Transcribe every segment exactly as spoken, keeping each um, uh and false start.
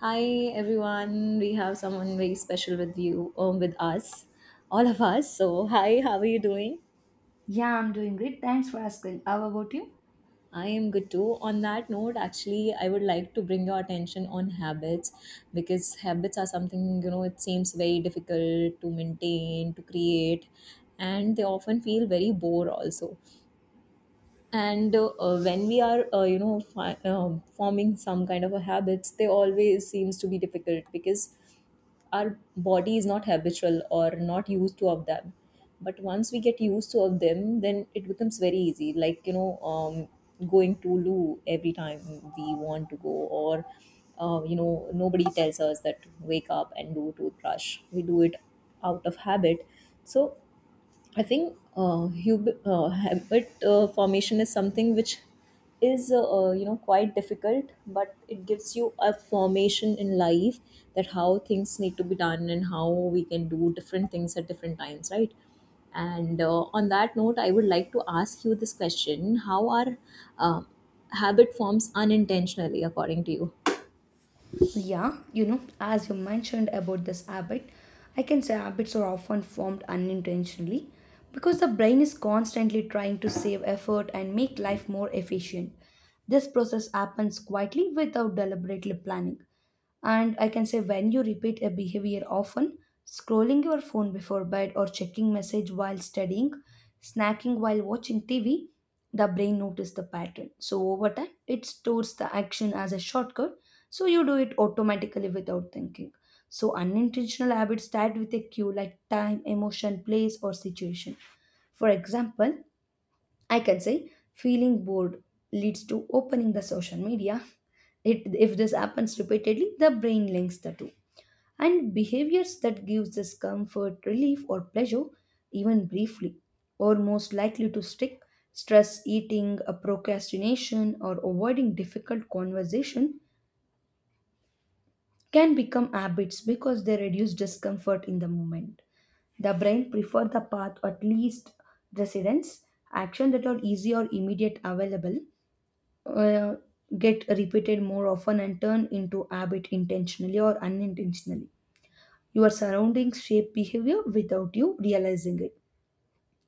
Hi everyone, we have someone very special with you, um, with us, all of us. So, hi, how are you doing? Yeah, I'm doing great. Thanks for asking. How about you? I am good too. On that note, actually, I would like to bring your attention on habits because habits are something you know it seems very difficult to maintain, to create, and they often feel very bore also. And uh, uh, when we are uh, you know fi- um forming some kind of a habits, they always seems to be difficult because our body is not habitual or not used to of them, but once we get used to of them then it becomes very easy, like you know um, going to loo every time we want to go. Or uh, you know nobody tells us that wake up and do toothbrush, we do it out of habit. So I think uh, hub- uh, habit uh, formation is something which is uh, uh, you know quite difficult, but it gives you a formation in life, that how things need to be done and how we can do different things at different times, right? And uh, On that note, I would like to ask you this question: how are uh, habit forms unintentionally, according to you? Yeah, you know, as you mentioned about this habit, I can say habits are often formed unintentionally because the brain is constantly trying to save effort and make life more efficient. This process happens quietly without deliberately planning. And I can say when you repeat a behavior often, scrolling your phone before bed or checking message while studying, snacking while watching T V, the brain notices the pattern. So over time, it stores the action as a shortcut, so you do it automatically without thinking. So unintentional habits start with a cue like time, emotion, place, or situation. For example, I can say feeling bored leads to opening the social media. It, if this happens repeatedly, the brain links the two. And behaviors that gives us comfort, relief, or pleasure, even briefly, are most likely to stick. Stress eating, a procrastination, or avoiding difficult conversation can become habits because they reduce discomfort in the moment. The brain prefers the path at least residence, action that are easy or immediate available uh, get repeated more often and turn into habit intentionally or unintentionally. Your surroundings shape behavior without you realizing it.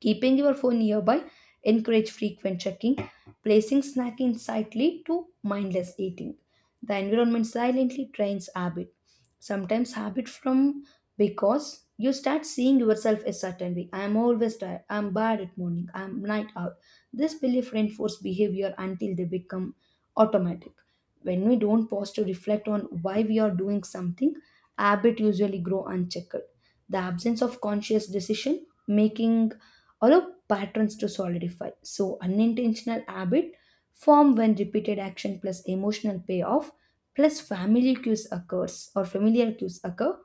Keeping your phone nearby encourage frequent checking, placing snack in sight lead to mindless eating. The environment silently trains habit, sometimes habit from, because you start seeing yourself a certain way. I am always tired, I am bad at morning, I am night out. This belief reinforces behavior until they become automatic. When we don't pause to reflect on why we are doing something, habit usually grow unchecked. The absence of conscious decision making allow patterns to solidify, so unintentional habit form when repeated action plus emotional payoff plus family cues occurs or familiar cues occur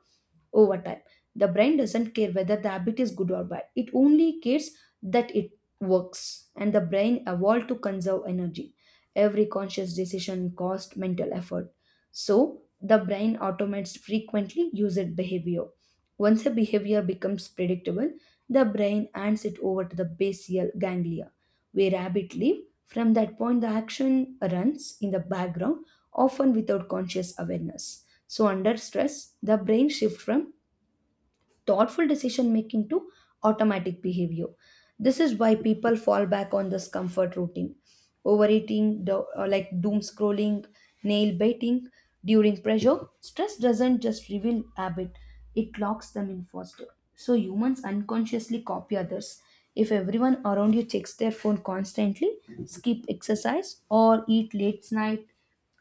over time. The brain doesn't care whether the habit is good or bad. It only cares that it works, and the brain evolved to conserve energy. Every conscious decision costs mental effort. So, the brain automates frequently used behavior. Once a behavior becomes predictable, the brain hands it over to the basal ganglia, where rabbit live. From that point, the action runs in the background, often without conscious awareness. So, under stress, the brain shifts from thoughtful decision making to automatic behavior. This is why people fall back on this comfort routine. Overeating, do- uh, like doom scrolling, nail biting during pressure, stress doesn't just reveal habit, it locks them in faster. So humans unconsciously copy others. If everyone around you checks their phone constantly, skip exercise, or eat late night,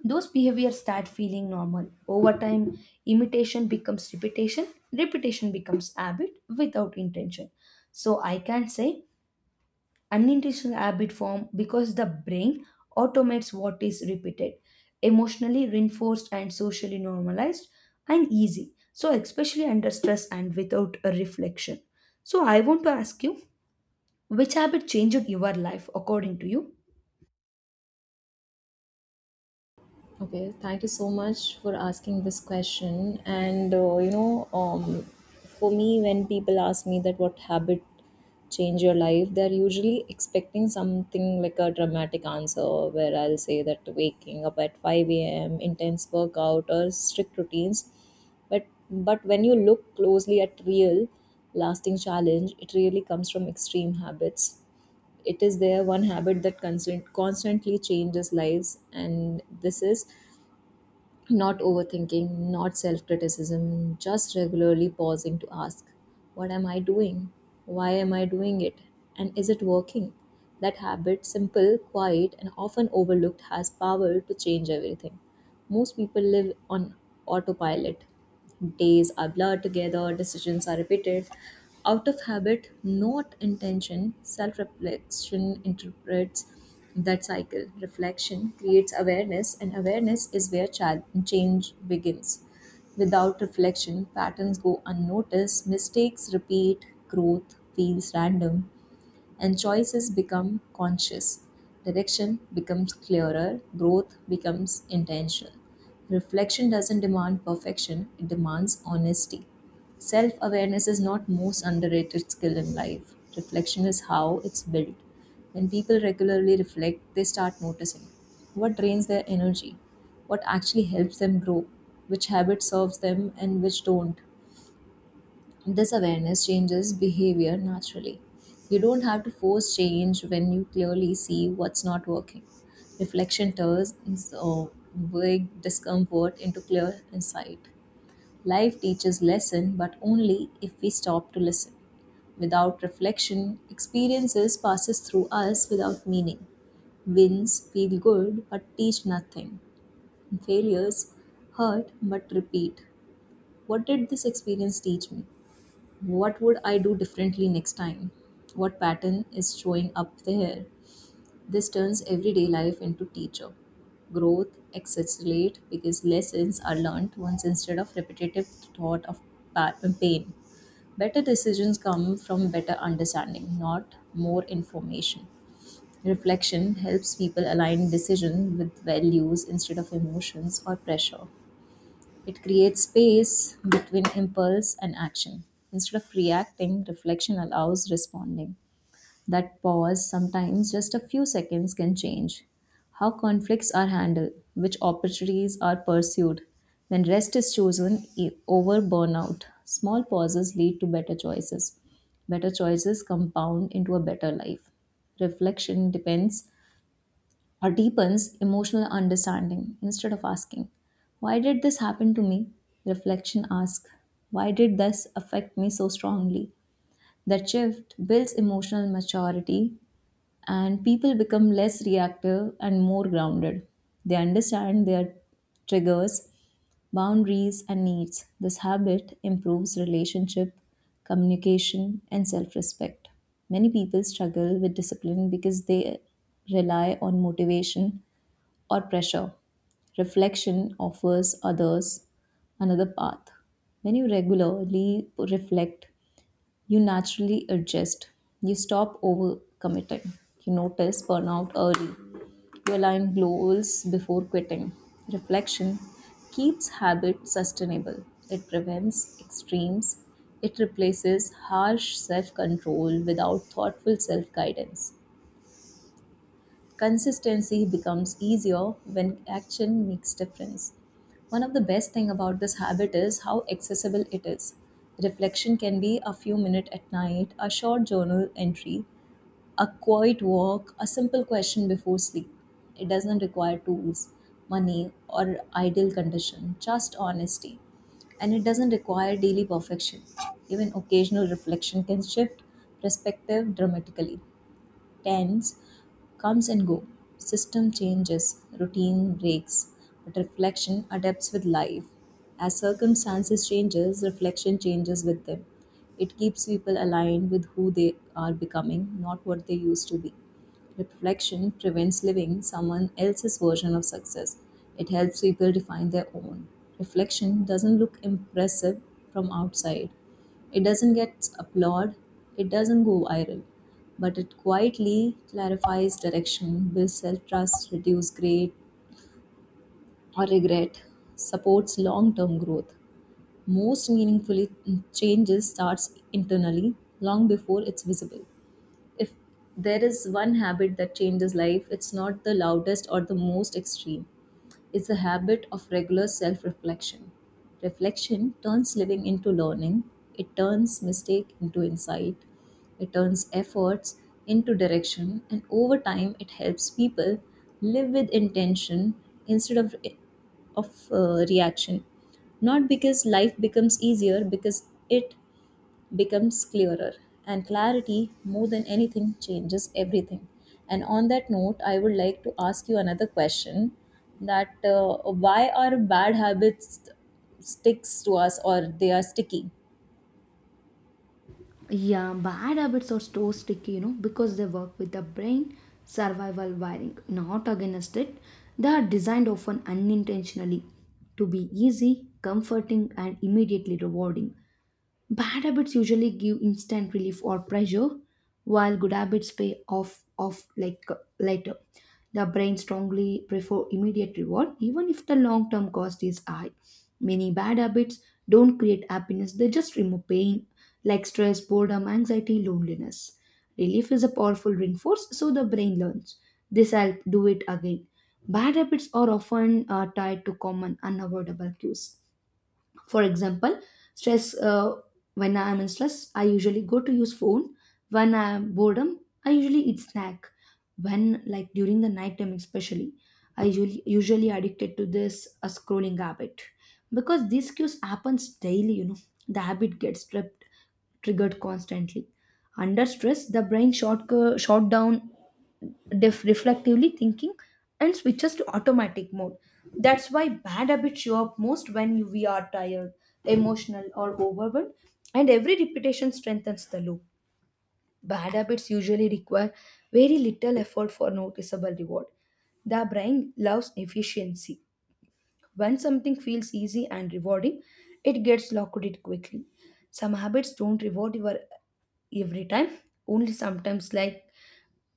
those behaviors start feeling normal. Over time, imitation becomes repetition, repetition becomes habit without intention. So I can say unintentional habit form because the brain automates what is repeated, emotionally reinforced and socially normalized and easy. So especially under stress and without a reflection. So I want to ask you, which habit changed your life according to you? Okay, thank you so much for asking this question. And uh, you know, um, for me, when people ask me that what habit change your life, they're usually expecting something like a dramatic answer where I'll say that waking up at five a m, intense workout, or strict routines. But but when you look closely at real, lasting challenge, it really comes from extreme habits. It is there one habit that constant, constantly changes lives, and this is not overthinking, not self criticism, just regularly pausing to ask, what am I doing? Why am I doing it? And is it working? That habit, simple, quiet, and often overlooked, has power to change everything. Most people live on autopilot. Days are blurred together, decisions are repeated. Out of habit, not intention, self reflection interprets that cycle. Reflection creates awareness, and awareness is where chal- change begins. Without reflection, patterns go unnoticed, mistakes repeat, growth feels random, and choices become conscious. Direction becomes clearer, growth becomes intentional. Reflection doesn't demand perfection, it demands honesty. Self awareness is not most underrated skill in life. Reflection is how it's built. When people regularly reflect, they start noticing what drains their energy, what actually helps them grow, which habit serves them and which don't. This awareness changes behavior naturally. You don't have to force change when you clearly see what's not working. Reflection turns uh, vague discomfort into clear insight. Life teaches lesson, but only if we stop to listen. Without reflection, experiences passes through us without meaning. Wins feel good but teach nothing. Failures hurt but repeat. What did this experience teach me? What would I do differently next time? What pattern is showing up there? This turns everyday life into teacher. Growth accelerates because lessons are learned once instead of repetitive thought of pa- pain. Better decisions come from better understanding, not more information. Reflection helps people align decision with values instead of emotions or pressure. It creates space between impulse and action. Instead of reacting, reflection allows responding. That pause, sometimes just a few seconds, can change how conflicts are handled, which opportunities are pursued. When rest is chosen e- over burnout, small pauses lead to better choices. Better choices compound into a better life. Reflection depends or deepens emotional understanding. Instead of asking, why did this happen to me? Reflection asks, why did this affect me so strongly? That shift builds emotional maturity, and people become less reactive and more grounded. They understand their triggers, boundaries, and needs. This habit improves relationship, communication, and self respect. Many people struggle with discipline because they rely on motivation or pressure. Reflection offers others another path. When you regularly reflect, you naturally adjust. You stop overcommitting. You notice burnout early. You align goals before quitting. Reflection keeps habit sustainable. It prevents extremes. It replaces harsh self control without thoughtful self guidance. Consistency becomes easier when action makes difference. One of the best thing about this habit is how accessible it is. Reflection can be a few minutes at night, a short journal entry, a quiet walk, a simple question before sleep. It doesn't require tools, money, or ideal condition, just honesty, and it doesn't require daily perfection. Even occasional reflection can shift perspective dramatically. Tens comes and go. System changes, routine breaks, but reflection adapts with life. As circumstances changes, reflection changes with them. It keeps people aligned with who they are becoming, not what they used to be. Reflection prevents living someone else's version of success. It helps people define their own. Reflection doesn't look impressive from outside. It doesn't get applaud, it doesn't go viral, but it quietly clarifies direction, builds self trust, reduces greed or regret, supports long term growth. Most meaningfully, changes starts internally long before it's visible. If there is one habit that changes life, it's not the loudest or the most extreme. It's the habit of regular self reflection. Reflection turns living into learning, it turns mistake into insight, it turns efforts into direction, and over time, it helps people live with intention instead of, of uh, reaction. Not because life becomes easier, because it becomes clearer, and clarity, more than anything, changes everything. And on that note, I would like to ask you another question, that uh, why are bad habits sticks to us, or they are sticky? Yeah, bad habits are so sticky, you know, because they work with the brain survival wiring, not against it. They are designed often unintentionally to be easy, comforting, and immediately rewarding. Bad habits usually give instant relief or pleasure, while good habits pay off off like uh, later. The brain strongly prefer immediate reward, even if the long term cost is high. Many bad habits don't create happiness, they just remove pain like stress, boredom, anxiety, loneliness. Relief is a powerful reinforce, so the brain learns. This helps do it again. Bad habits are often uh, tied to common unavoidable cues. For example, stress. Uh, when I am in stress, I usually go to use phone. When I am boredom, I usually eat snack. When like during the night time, especially, I usually usually addicted to this a scrolling habit because these cues happens daily. You know, the habit gets stripped triggered constantly. Under stress, the brain short, uh, short down def- reflectively thinking and switches to automatic mode. That's why bad habits show up most when you, we are tired, emotional, or overwhelmed, and every repetition strengthens the loop. Bad habits usually require very little effort for noticeable reward. The brain loves efficiency. When something feels easy and rewarding, it gets locked quickly. Some habits don't reward your every time, only sometimes, like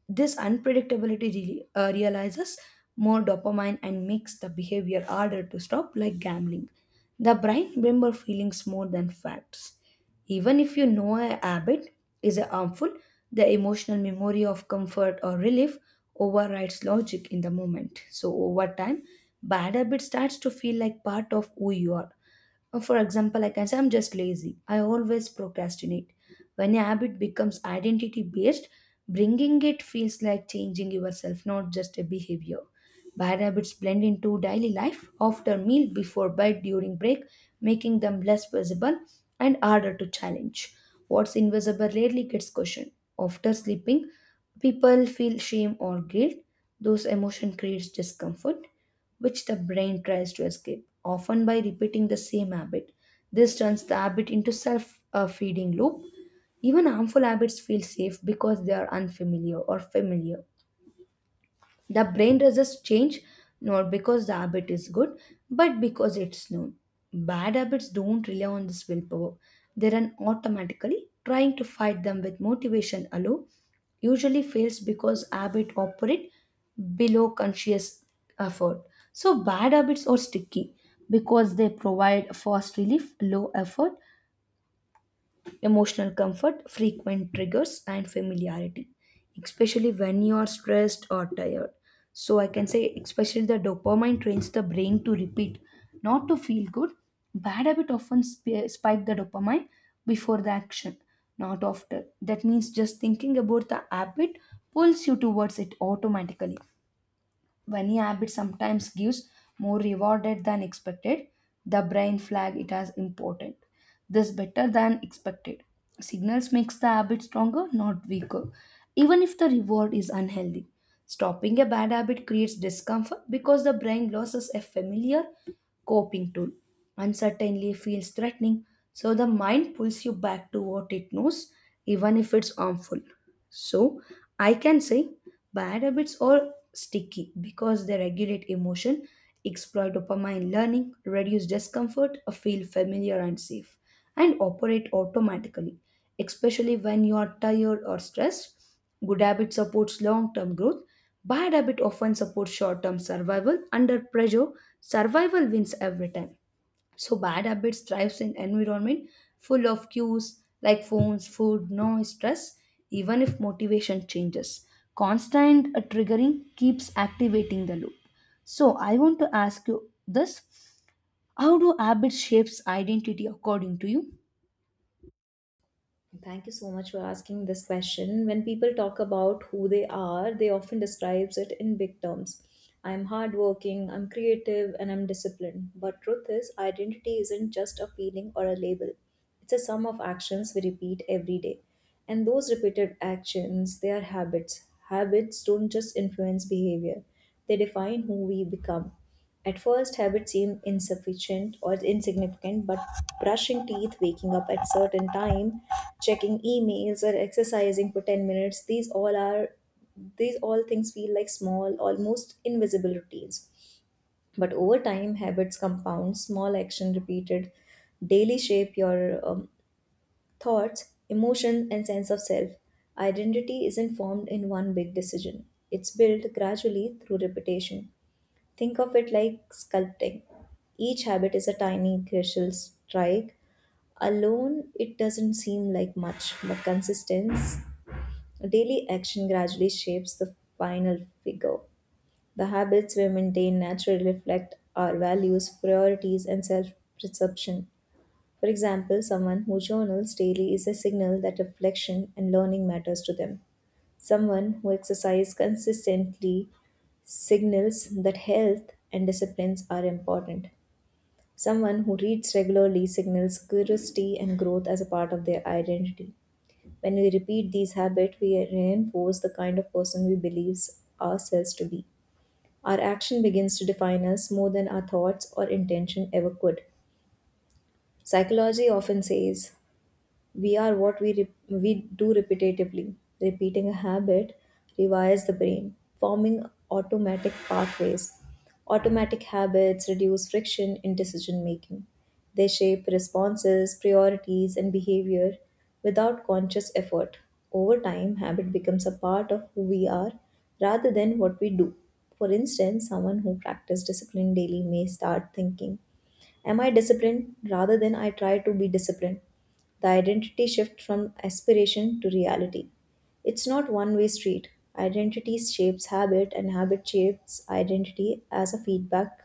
this unpredictability re- uh, realizes more dopamine and makes the behavior harder to stop, like gambling. The brain remembers feelings more than facts. Even if you know a habit is harmful, the emotional memory of comfort or relief overrides logic in the moment. So over time, bad habit starts to feel like part of who you are. Uh, For example, like I can say I'm just lazy. I always procrastinate. When a habit becomes identity based, bringing it feels like changing yourself, not just a behavior. Bad habits blend into daily life after meal, before bed, during break, making them less visible and harder to challenge. What's invisible rarely gets questioned. After sleeping, people feel shame or guilt. Those emotion creates discomfort, which the brain tries to escape, often by repeating the same habit. This turns the habit into self-feeding loop. Even harmful habits feel safe because they are unfamiliar or familiar. The brain resists change not because the habit is good, but because it's known. Bad habits don't rely on this willpower, they run automatically. Trying to fight them with motivation alone usually fails because habit operate below conscious effort. So bad habits are sticky because they provide fast relief, low effort, emotional comfort, frequent triggers, and familiarity, especially when you are stressed or tired. So, I can say, especially the dopamine trains the brain to repeat, not to feel good. Bad habit often sp- spike the dopamine before the action, not after. That means just thinking about the habit pulls you towards it automatically. A new habit sometimes gives more rewarded than expected. The brain flag it as important. This better than expected signals makes the habit stronger, not weaker, even if the reward is unhealthy. Stopping a bad habit creates discomfort because the brain loses a familiar coping tool. Uncertainty feels threatening, so the mind pulls you back to what it knows, even if it's harmful. So, I can say bad habits are sticky because they regulate emotion, exploit dopamine learning, reduce discomfort, feel familiar and safe, and operate automatically, especially when you are tired or stressed. Good habit supports long term growth. Bad habit often supports short term survival. Under pressure, survival wins every time. So, bad habits thrives in environment full of cues like phones, food, noise, stress, even if motivation changes. Constant uh, triggering keeps activating the loop. So, I want to ask you this: how do habits shapes identity according to you? Thank you so much for asking this question. When people talk about who they are, they often describes it in big terms. I'm hardworking, I'm creative, and I'm disciplined. But truth is, identity isn't just a feeling or a label. It's a sum of actions we repeat every day. And those repeated actions, they are habits. Habits don't just influence behavior. They define who we become. At first, habits seem insufficient or insignificant, but brushing teeth, waking up at certain time, checking emails, or exercising for ten minutes, these all are these all things feel like small, almost invisible routines. But over time, habits compound, small action repeated daily shape your um, thoughts, emotions, and sense of self. Identity isn't formed in one big decision, it's built gradually through repetition. Think of it like sculpting. Each habit is a tiny crucial strike. Alone, it doesn't seem like much, but consistency, daily action gradually shapes the final figure. The habits we maintain naturally reflect our values, priorities, and self perception. For example, someone who journals daily is a signal that reflection and learning matters to them. Someone who exercises consistently signals that health and disciplines are important. Someone who reads regularly signals curiosity and growth as a part of their identity. When we repeat these habits, we reinforce the kind of person we believe ourselves to be. Our action begins to define us more than our thoughts or intention ever could. Psychology often says we are what we re- we do repetitively. Repeating a habit rewires the brain, forming automatic pathways. Automatic habits reduce friction in decision making. They shape responses, priorities and behavior without conscious effort. Over time habit becomes a part of who we are rather than what we do. For instance, someone who practices discipline daily may start thinking, am I disciplined, rather than I try to be disciplined? The identity shift from aspiration to reality. It's not one way street. Identity shapes habit, and habit shapes identity as a feedback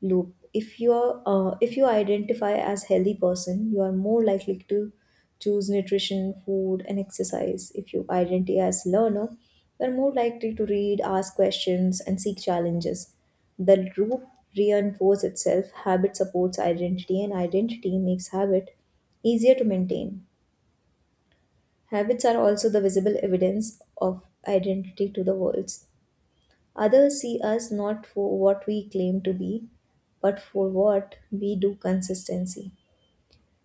loop. If you are, uh, if you identify as healthy person, you are more likely to choose nutrition, food, and exercise. If you identify as learner, you are more likely to read, ask questions, and seek challenges. The root reinforces itself. Habit supports identity, and identity makes habit easier to maintain. Habits are also the visible evidence of identity to the world. Others see us not for what we claim to be, but for what we do consistently.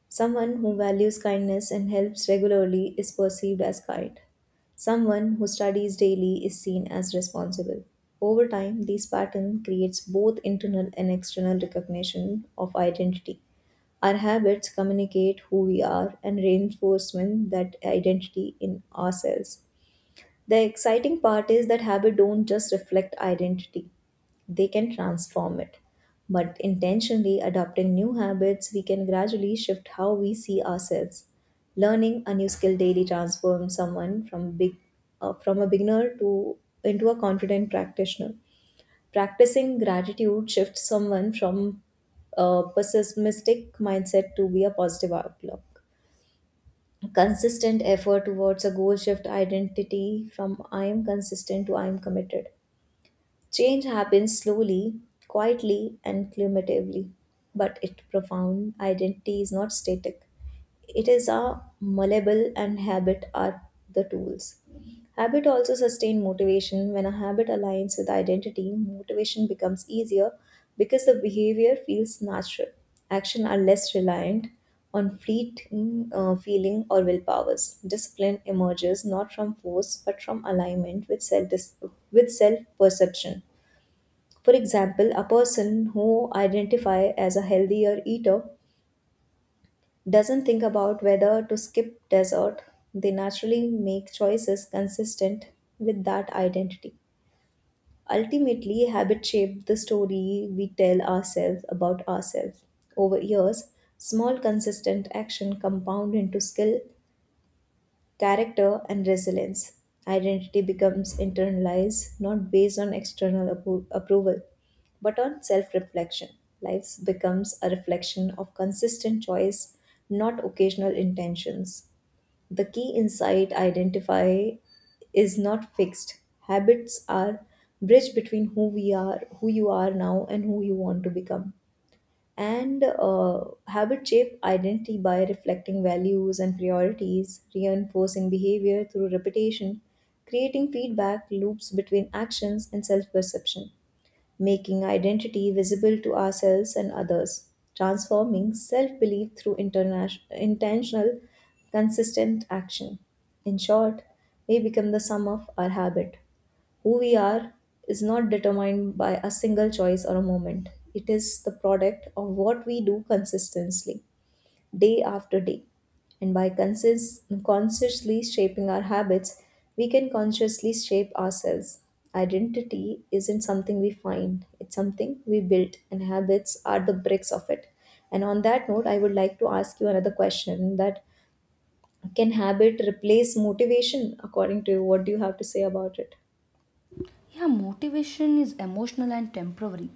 Someone who values kindness and helps regularly is perceived as kind. Someone who studies daily is seen as responsible. Over time, this pattern creates both internal and external recognition of identity. Our habits communicate who we are and reinforcement that identity in ourselves. The exciting part is that habits don't just reflect identity, they can transform it. But intentionally adopting new habits, we can gradually shift how we see ourselves. Learning a new skill daily transforms someone from big, uh, from a beginner to into a confident practitioner. Practicing gratitude shifts someone from a pessimistic mindset to be a positive outlook. Consistent effort towards a goal shift identity from I am consistent to I am committed. Change happens slowly, quietly, and cumulatively, but its profound identity is not static. It is a malleable, and habit are the tools. Habit also sustain motivation. When a habit aligns with identity, motivation becomes easier because the behavior feels natural. Action are less reliant on fleeting uh, feeling or willpowers. Discipline emerges not from force but from alignment with self, with self perception. For example, a person who identifies as a healthier eater doesn't think about whether to skip dessert. They naturally make choices consistent with that identity. Ultimately, habit shape the story we tell ourselves about ourselves. Over years, small consistent action compound into skill, character and resilience. Identity becomes internalized not based on external appro- approval but on self reflection. Life becomes a reflection of consistent choice, not occasional intentions. The key insight, identify is not fixed. Habits are bridge between who we are, who you are now and who you want to become. And uh, Habit shape identity by reflecting values and priorities, reinforcing behavior through repetition, creating feedback loops between actions and self perception, making identity visible to ourselves and others, transforming self belief through interna- intentional, consistent action. In short, we become the sum of our habit. Who we are is not determined by a single choice or a moment. It is the product of what we do consistently, day after day. And by consist- consciously shaping our habits, we can consciously shape ourselves. Identity isn't something we find, it's something we build, and habits are the bricks of it. And on that note, I would like to ask you another question: that can habit replace motivation according to you? What do you have to say about it? Yeah, motivation is emotional and temporary.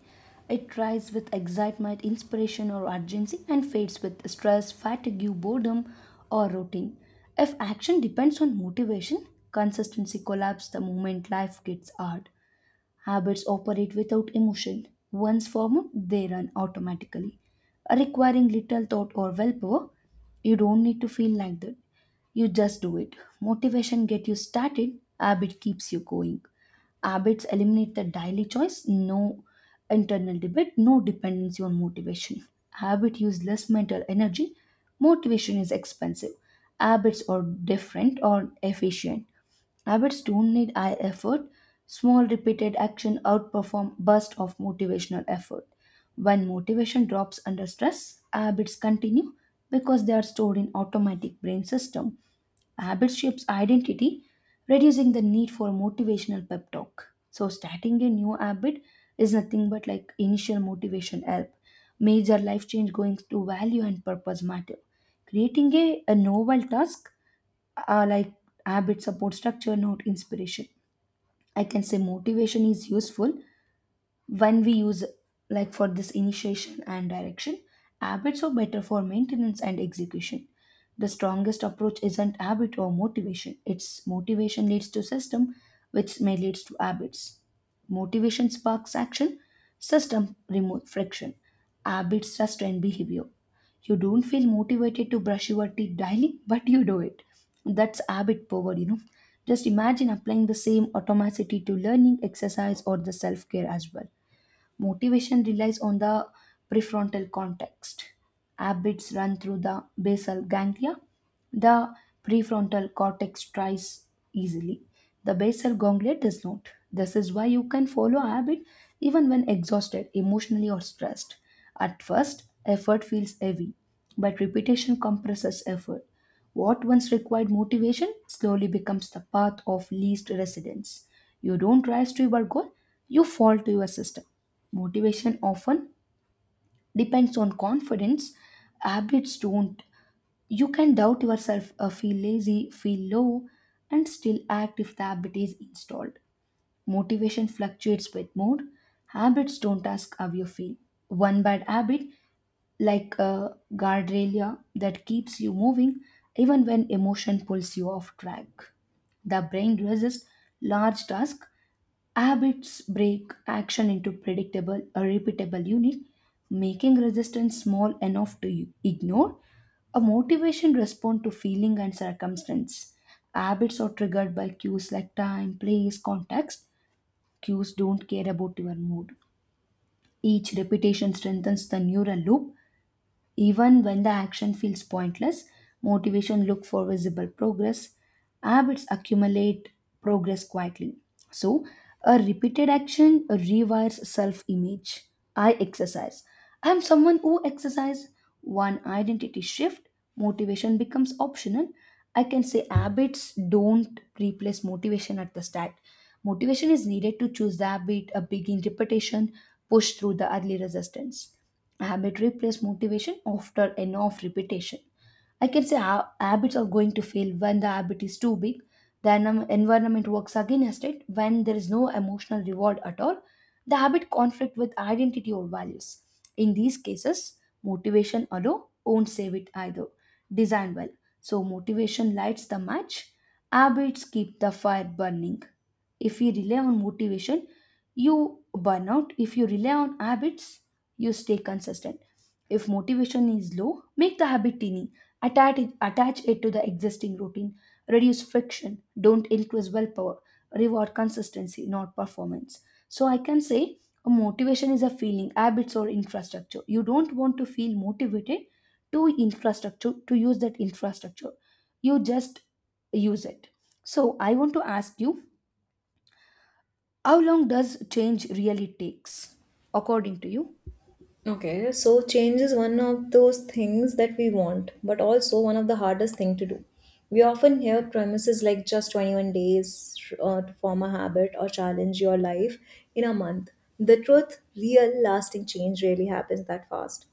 It rises with excitement, inspiration, or urgency and fades with stress, fatigue, boredom, or routine. If action depends on motivation, consistency collapses the moment life gets hard. Habits operate without emotion. Once formed, they run automatically, requiring little thought or willpower. You don't need to feel like that. You just do it. Motivation get you started, habit keeps you going. Habits eliminate the daily choice, no internal debate, no dependency on motivation. Habit use less mental energy. Motivation is expensive. Habits are different or efficient. Habits don't need high effort. Small repeated action outperform bursts of motivational effort. When motivation drops under stress, habits continue because they are stored in automatic brain system. Habits shapes identity, reducing the need for motivational pep talk. So starting a new habit is nothing but like initial motivation help. Major life change going to value and purpose matter. Creating a, a novel task, uh, like habit support structure, not inspiration. I can say motivation is useful when we use like for this initiation and direction. Habits are better for maintenance and execution. The strongest approach isn't habit or motivation, it's motivation leads to system, which may leads to habits. Motivation sparks action, system remove friction, habits sustain behavior. You don't feel motivated to brush your teeth daily, but you do it. That's habit power, you know. Just imagine applying the same automaticity to learning exercise or the self-care as well. Motivation relies on the prefrontal context. Habits run through the basal ganglia. The prefrontal cortex tries easily. The basal ganglia does not. This is why you can follow a habit even when exhausted, emotionally, or stressed. At first, effort feels heavy, but repetition compresses effort. What once required motivation slowly becomes the path of least resistance. You don't rise to your goal, you fall to your system. Motivation often depends on confidence, habits don't. You can doubt yourself, uh, feel lazy, feel low, and still act if the habit is installed. Motivation fluctuates with mood. Habits don't ask how you feel. One bad habit, like a guardrail that keeps you moving even when emotion pulls you off track. The brain resists large tasks. Habits break action into predictable or repeatable unit, making resistance small enough to ignore. A motivation responds to feeling and circumstance. Habits are triggered by cues like time, place, context. Cues don't care about your mood. Each repetition strengthens the neural loop even when the action feels pointless. Motivation look for visible progress. Habits accumulate progress quietly. So, a repeated action rewires self-image. I exercise. I am someone who exercise. One identity shift, motivation becomes optional. I can say habits don't replace motivation at the start. Motivation is needed to choose the habit, a begin repetition, push through the early resistance. Habit replace motivation after enough repetition. I can say ha- habits are going to fail when the habit is too big. The en- environment works against it when there is no emotional reward at all. The habit conflict with identity or values. In these cases, motivation alone won't save it either. Design well. So motivation lights the match. Habits keep the fire burning. If you rely on motivation, you burn out. If you rely on habits, you stay consistent. If motivation is low, make the habit tiny. Attach it, attach it to the existing routine. Reduce friction. Don't increase willpower. Reward consistency, not performance. So I can say a motivation is a feeling, habits or infrastructure. You don't want to feel motivated to infrastructure to use that infrastructure. You just use it. So I want to ask you, how long does change really takes according to you? Okay, so change is one of those things that we want, but also one of the hardest thing to do. We often hear premises like just twenty-one days uh, to form a habit or challenge your life in a month. The truth, real lasting change really happens that fast.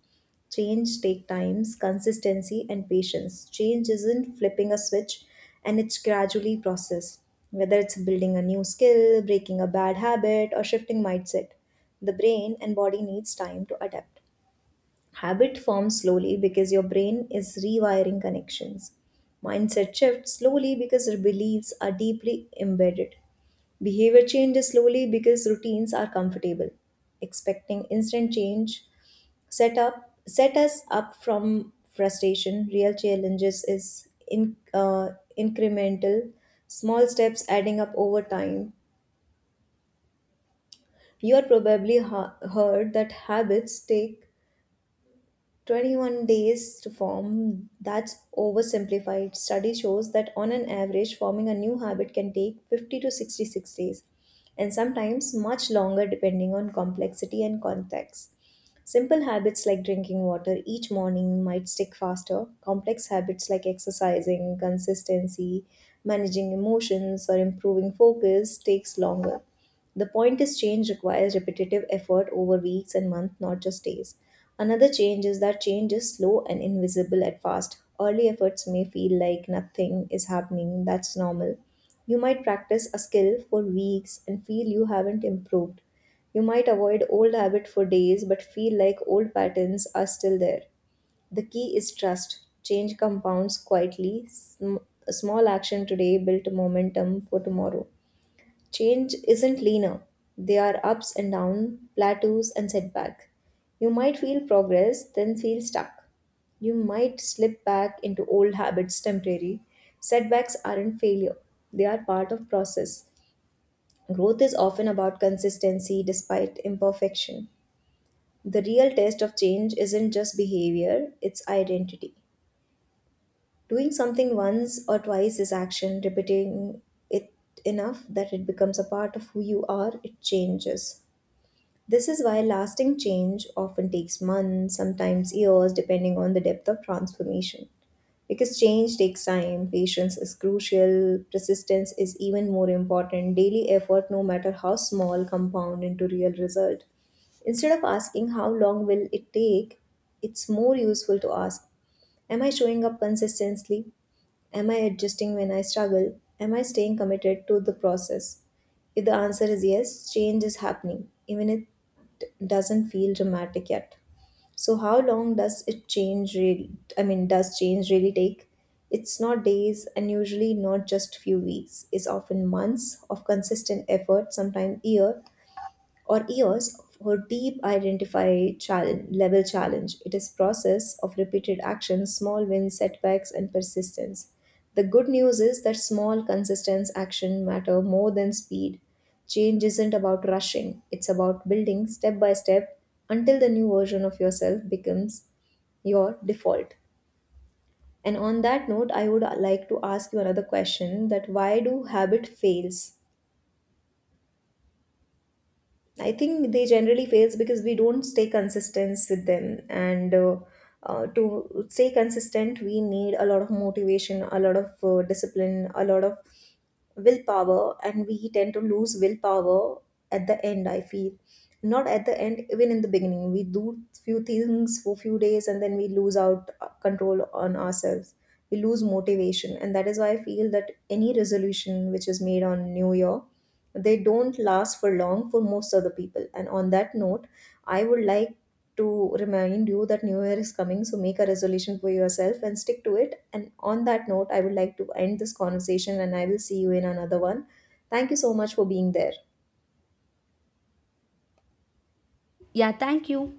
Change take times, consistency and patience. Change isn't flipping a switch and it's gradually process. Whether it's building a new skill, breaking a bad habit or shifting mindset, the brain and body needs time to adapt. Habit forms slowly because your brain is rewiring connections. Mindset shifts slowly because your beliefs are deeply embedded. Behavior changes slowly because routines are comfortable. Expecting instant change set up set us up from frustration. Real challenges is in uh, incremental, small steps adding up over time. You are probably ha- heard that habits take twenty-one days to form. That's oversimplified. Study shows that on an average forming a new habit can take fifty to sixty-six days, and sometimes much longer depending on complexity and context. Simple habits like drinking water each morning might stick faster. Complex habits like exercising, consistency, managing emotions, or improving focus takes longer. The point is change requires repetitive effort over weeks and months, not just days. Another change is that change is slow and invisible at first. Early efforts may feel like nothing is happening, that's normal. You might practice a skill for weeks and feel you haven't improved. You might avoid old habits for days but feel like old patterns are still there. The key is trust. Change compounds quietly. Sm- a small action today built momentum for tomorrow. Change isn't linear. There are ups and downs, plateaus and setbacks. You might feel progress, then feel stuck. You might slip back into old habits temporarily. Setbacks aren't failure. They are part of process. Growth is often about consistency despite imperfection. The real test of change isn't just behavior, it's identity. Doing something once or twice is action, repeating it enough that it becomes a part of who you are, it changes. This is why lasting change often takes months, sometimes years, depending on the depth of transformation. Because change takes time, patience is crucial, persistence is even more important, daily effort, no matter how small, compound into real result. Instead of asking how long will it take, it's more useful to ask, am I showing up consistently? Am I adjusting when I struggle? Am I staying committed to the process? If the answer is yes, change is happening, even if it doesn't feel dramatic yet. So how long does it change really I mean does change really take? It's not days and usually not just few weeks. It's often months of consistent effort, sometimes year, or years for deep identify challenge, level challenge. It is process of repeated action, small wins, setbacks, and persistence. The good news is that small, consistent action matter more than speed. Change isn't about rushing; it's about building step by step until the new version of yourself becomes your default. And on that note, I would like to ask you another question: that why do habit fails? I think they generally fails because we don't stay consistent with them. And uh, uh, To stay consistent, we need a lot of motivation, a lot of uh, discipline, a lot of willpower, and we tend to lose willpower at the end. I feel not at the end, even in the beginning, we do few things for few days, and then we lose out uh, control on ourselves. We lose motivation, and that is why I feel that any resolution which is made on New Year, they don't last for long for most of the people. And on that note, I would like to remind you that New Year is coming, so make a resolution for yourself and stick to it. And on that note, I would like to end this conversation, and I will see you in another one. Thank you so much for being there. Yeah, thank you.